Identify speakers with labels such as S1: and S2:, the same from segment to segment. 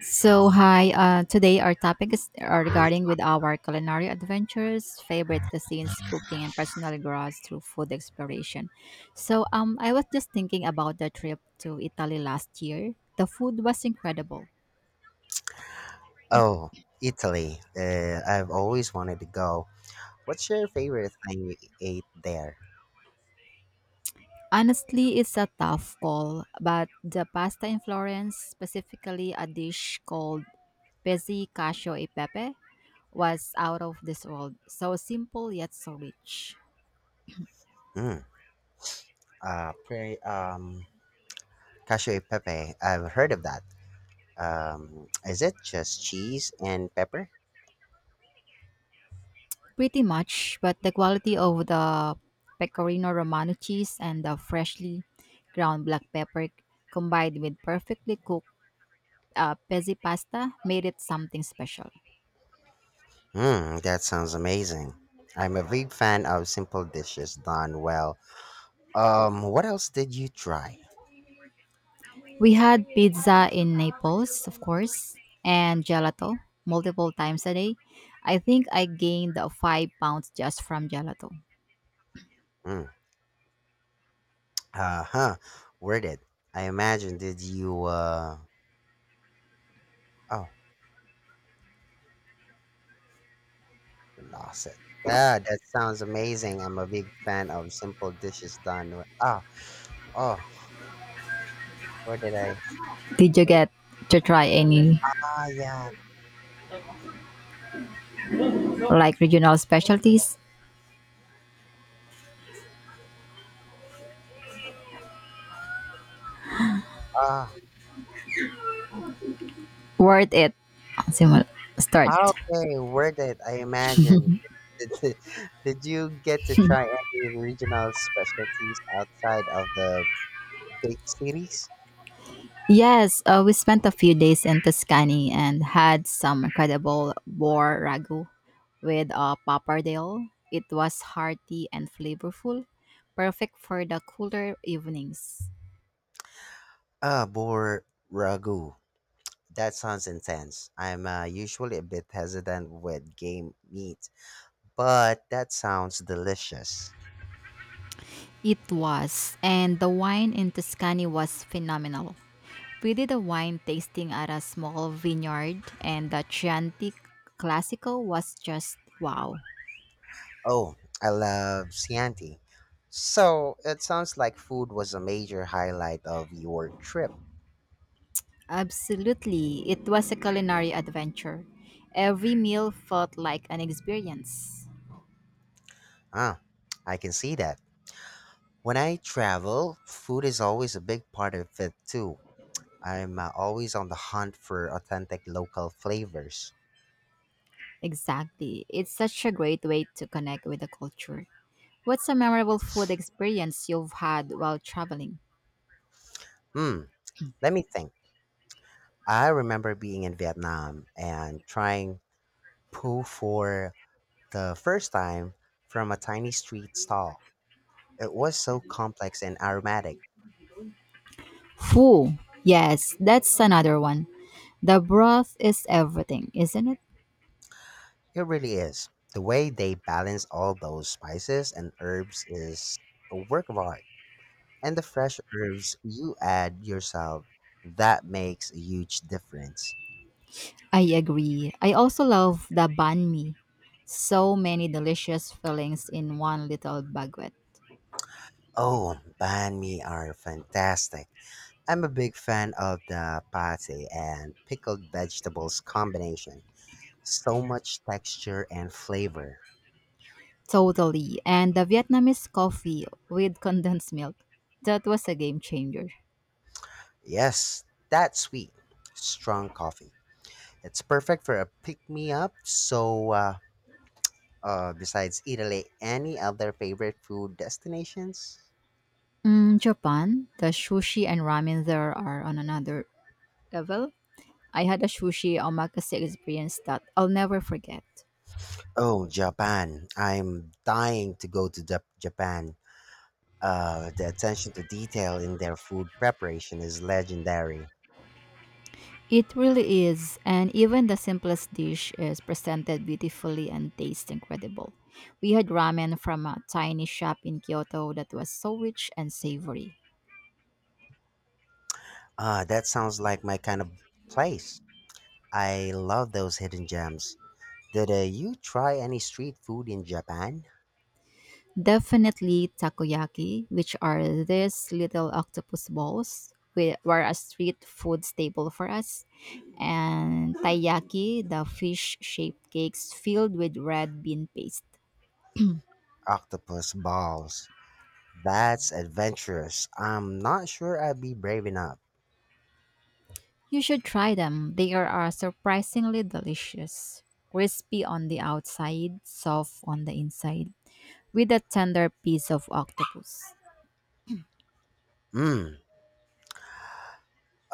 S1: So hi, today our topic is are regarding with our culinary adventures, favorite cuisines, cooking, and personal growth through food exploration. So I was just thinking about the trip to Italy last year. The food was incredible.
S2: Oh, Italy. I've always wanted to go. What's your favorite thing you ate there?
S1: Honestly, it's a tough call, but the pasta in Florence, specifically a dish called pezzi cacio e pepe, was out of this world. So simple yet so rich.
S2: Mm, uh, pre, um, cacio e pepe. I've heard of that. Is it just cheese and pepper?
S1: Pretty much, but the quality of the pecorino romano cheese and the freshly ground black pepper combined with perfectly cooked pezzi pasta made it something special.
S2: Hmm, that sounds amazing. I'm a big fan of simple dishes done well. What else did you try?
S1: We had pizza in Naples, of course, and gelato multiple times a day. I think I gained 5 pounds just from gelato.
S2: Mm, uh huh. Where did I imagine? Did you, oh, Lasik. Yeah, that sounds amazing. I'm a big fan of simple dishes done. With- Ah, oh, where did I?
S1: Did you
S2: Where,
S1: get to try any
S2: Ah, yeah.
S1: like regional specialties?
S2: Ah,
S1: Worth it. Simul- Start.
S2: okay. Where did I imagine? Did, did did you get to try any regional specialties outside of the big cities?
S1: Yes, we spent a few days in Tuscany and had some incredible boar ragu with a pappardelle. It was hearty and flavorful, perfect for the cooler evenings.
S2: Ah, bor ragu. That sounds intense. I'm usually a bit hesitant with game meat, but that sounds delicious.
S1: It was, and the wine in Tuscany was phenomenal. We did a wine tasting at a small vineyard, and the Chianti Classico was just wow.
S2: Oh, I love Chianti. So it sounds like food was a major highlight of your trip.
S1: Absolutely. It was a culinary adventure. Every meal felt like an experience.
S2: Ah, I can see that. When I travel, food is always a big part of it too. I'm always on the hunt for authentic local flavors.
S1: Exactly. It's such a great way to connect with the culture. What's a memorable food experience you've had while traveling?
S2: Hmm, let me think. I remember being in Vietnam and trying pho for the first time from a tiny street stall. It was so complex and aromatic.
S1: Foo. Yes, that's another one. The broth is everything, isn't it?
S2: It really is. The way they balance all those spices and herbs is a work of art. And the fresh herbs you add yourself, that makes a huge difference.
S1: I agree. I also love the banh mi. So many delicious fillings in one little baguette.
S2: Oh, banh mi are fantastic. I'm a big fan of the pate and pickled vegetables combination. So much texture and flavor.
S1: Totally. And the Vietnamese coffee with condensed milk. That was a game changer.
S2: Yes, that's sweet. Strong coffee. It's perfect for a pick me up. Besides Italy, any other favorite food destinations?
S1: Mm, Japan, the sushi and ramen there are on another level. I had a sushi omakase experience that I'll never forget.
S2: Oh, Japan. I'm dying to go to Japan. The attention to detail in their food preparation is legendary.
S1: It really is, and even the simplest dish is presented beautifully and tastes incredible. We had ramen from a tiny shop in Kyoto that was so rich and savory.
S2: Ah, that sounds like my kind of place. I love those hidden gems. Did you try any street food in Japan?
S1: Definitely takoyaki, which are these little octopus balls, were a street food staple for us, and taiyaki, the fish-shaped cakes filled with red bean paste.
S2: Octopus balls. That's adventurous. I'm not sure I'd be brave enough.
S1: You should try them. They are surprisingly delicious. Crispy on the outside, soft on the inside, with a tender piece of octopus.
S2: Hmm.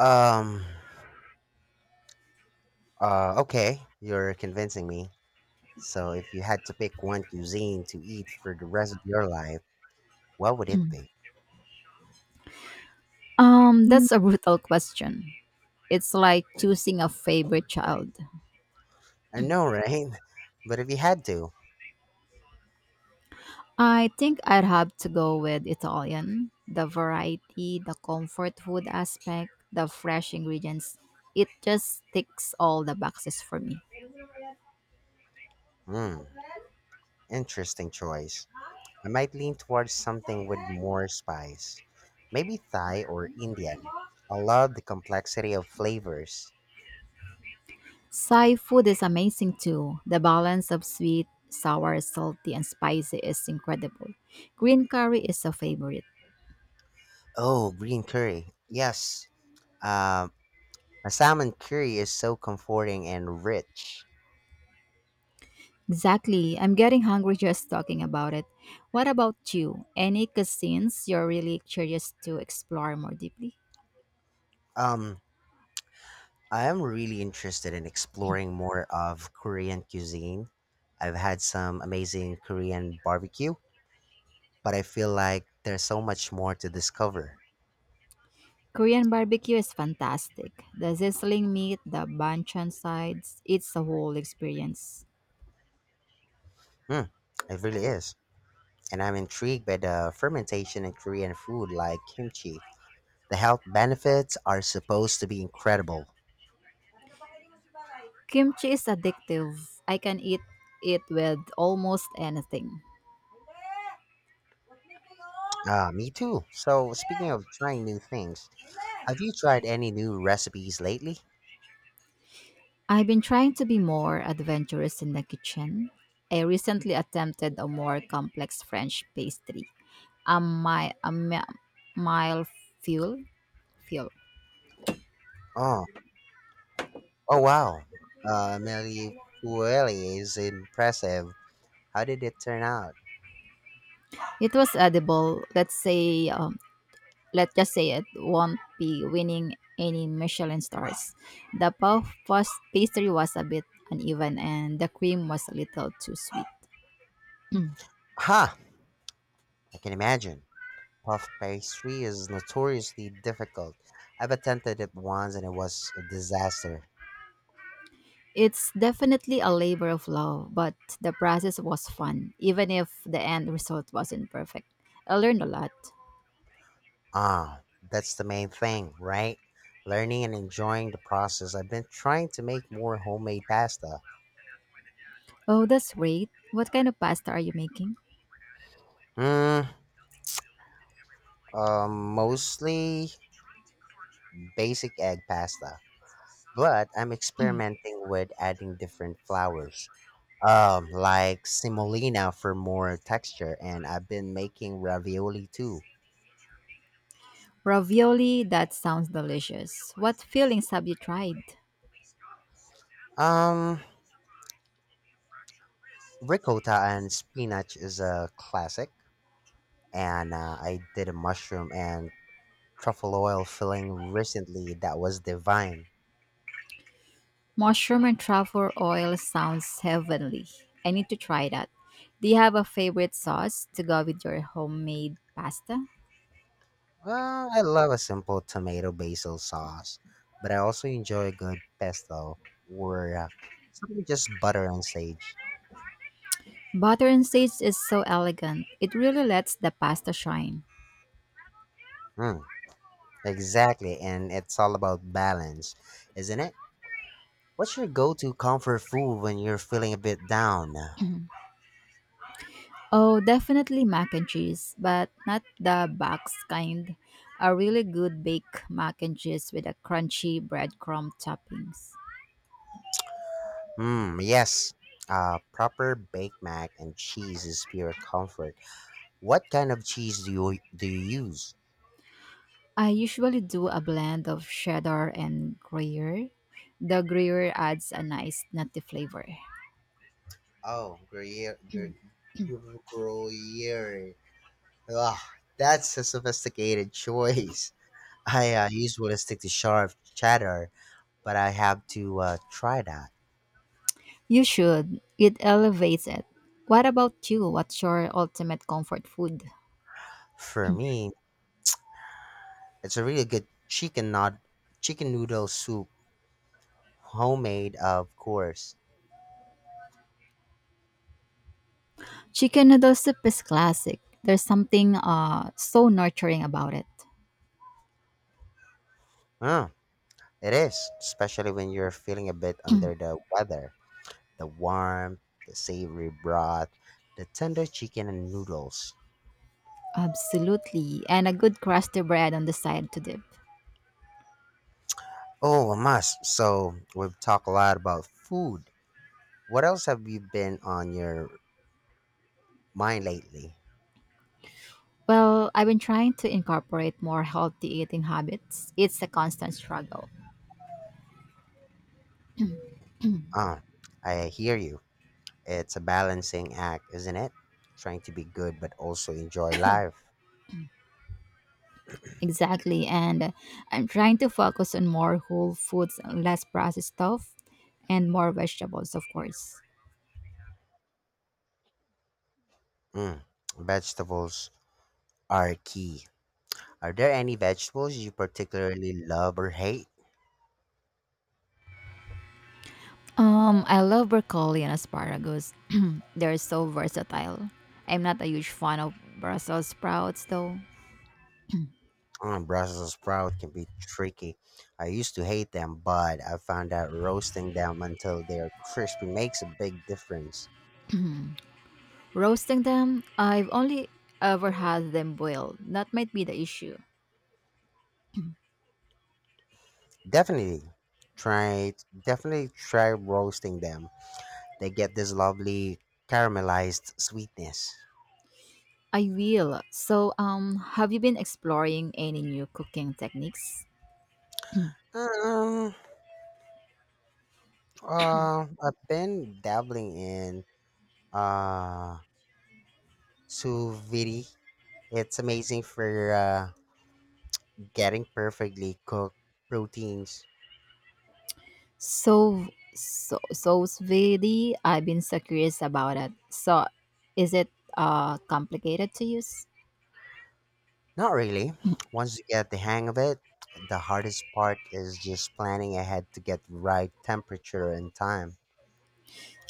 S2: Um. Okay, you're convincing me. So, if you had to pick one cuisine to eat for the rest of your life, what would it be?
S1: That's a brutal question. It's like choosing a favorite child.
S2: I know, right? But if you had to,
S1: I think I'd have to go with Italian. The variety, the comfort food aspect, the fresh ingredients. It just ticks all the boxes for me.
S2: hmm, interesting choice. I might lean towards something with more spice. Maybe Thai or Indian. I love the complexity of flavors.
S1: Thai food is amazing too. The balance of sweet, sour, salty, and spicy is incredible. Green curry is a favorite.
S2: Oh, green curry. Yes. Um, a salmon curry is so comforting and rich.
S1: Exactly. I'm getting hungry just talking about it. What about you? Any cuisines you're really curious to explore more deeply?
S2: Um, I am really interested in exploring more of Korean cuisine. I've had some amazing Korean barbecue, but I feel like there's so much more to discover.
S1: Korean barbecue is fantastic. The sizzling meat, the banchan sides, it's a whole experience.
S2: Mm, it really is. And I'm intrigued by the fermentation in Korean food like kimchi. The health benefits are supposed to be incredible.
S1: Kimchi is addictive. I can eat it with almost anything.
S2: Ah, me too. So, speaking of trying new things, have you tried any new recipes lately?
S1: I've been trying to be more adventurous in the kitchen. I recently attempted a more complex French pastry, a mile fuel. Fuel.
S2: Oh, oh wow. Amelie Pueli is impressive. How did it turn out?
S1: It was edible, let's just say it, won't be winning any Michelin stars. The puff pastry was a bit uneven and the cream was a little too sweet. Mm.
S2: Ha! I can imagine. Puff pastry is notoriously difficult. I've attempted it once and it was a disaster.
S1: It's definitely a labor of love, but the process was fun, even if the end result wasn't perfect. I learned a lot.
S2: Ah, that's the main thing, right? Learning and enjoying the process. I've been trying to make more homemade pasta.
S1: Oh, that's great. What kind of pasta are you making?
S2: Mm, Mostly basic egg pasta, but I'm experimenting with adding different flours. Like semolina for more texture, and I've been making ravioli too.
S1: Ravioli, that sounds delicious. What fillings have you tried?
S2: Um, Ricotta and spinach is a classic, and I did a mushroom and truffle oil filling recently that was divine.
S1: Mushroom and truffle oil sounds heavenly. I need to try that. Do you have a favorite sauce to go with your homemade pasta?
S2: I love a simple tomato basil sauce, but I also enjoy a good pesto or something just butter and sage.
S1: Butter and sage is so elegant. It really lets the pasta shine.
S2: Mm, exactly, and it's all about balance, isn't it? What's your go-to comfort food when you're feeling a bit down?
S1: Oh, definitely mac and cheese, but not the box kind. A really good baked mac and cheese with a crunchy breadcrumb toppings.
S2: Mm, yes. Proper baked mac and cheese is pure comfort. What kind of cheese do you use?
S1: I usually do a blend of cheddar and gruyere. The gruyere adds a nice nutty flavor.
S2: Oh, Gruyere. Gruyere. Ugh, that's a sophisticated choice. I usually stick to sharp cheddar, but I have to try that.
S1: You should. It elevates it. What about you? What's your ultimate comfort food?
S2: For me, it's a really good chicken not chicken noodle soup, homemade, of course.
S1: Chicken noodle soup is classic. There's something so nurturing about it.
S2: Mm, it is, especially when you're feeling a bit under the weather. The warm, the savory broth, the tender chicken and noodles.
S1: Absolutely. And a good crusty bread on the side to dip.
S2: Oh, a must. So we've talked a lot about food. What else have you been on your mind lately?
S1: Well, I've been trying to incorporate more healthy eating habits. It's a constant struggle.
S2: Ah, I hear you. It's a balancing act, isn't it? Trying to be good but also enjoy life.
S1: Exactly. And I'm trying to focus on more whole foods, less processed stuff, and more vegetables, of course.
S2: Mm, vegetables are key. Are there any vegetables you particularly love or hate?
S1: I love broccoli and asparagus. They're so versatile. I'm not a huge fan of Brussels sprouts though.
S2: Mm, Brussels sprout can be tricky. I used to hate them, but I found out roasting them until they're crispy makes a big difference.
S1: Roasting them, I've only ever had them boiled. That might be the issue.
S2: Definitely try Definitely try roasting them. They get this lovely caramelized sweetness.
S1: I will. So, have you been exploring any new cooking techniques?
S2: Um, I've been dabbling in uh sous vide. It's amazing for getting perfectly cooked proteins.
S1: So, so, so vidi, I've been so curious about it. So, is it complicated to use?
S2: Not really. Once you get the hang of it, the hardest part is just planning ahead to get the right temperature and time.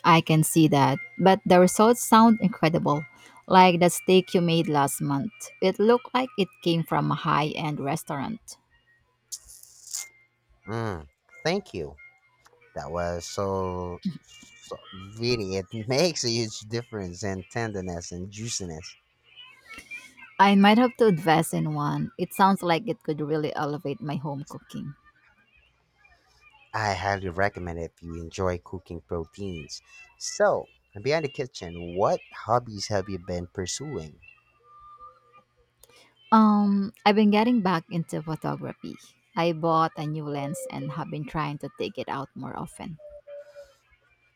S1: I can see that. But the results sound incredible. Like the steak you made last month. It looked like it came from a high end restaurant.
S2: Mm, thank you. That was really, it makes a huge difference in tenderness and juiciness.
S1: I might have to invest in one. It sounds like it could really elevate my home cooking.
S2: I highly recommend it if you enjoy cooking proteins. So, beyond the kitchen, what hobbies have you been pursuing?
S1: I've been getting back into photography. I bought a new lens and have been trying to take it out more often.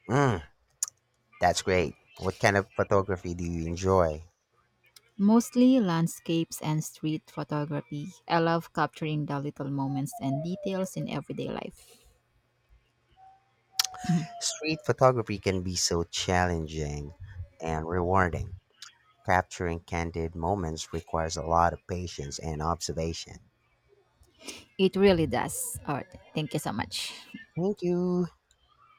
S2: Mm. That's great. What kind of photography do you enjoy?
S1: Mostly landscapes and street photography. I love capturing the little moments and details in everyday life.
S2: Street photography can be so challenging and rewarding. Capturing candid moments requires a lot of patience and observation.
S1: It really does. All right. Thank you so much.
S2: Thank you.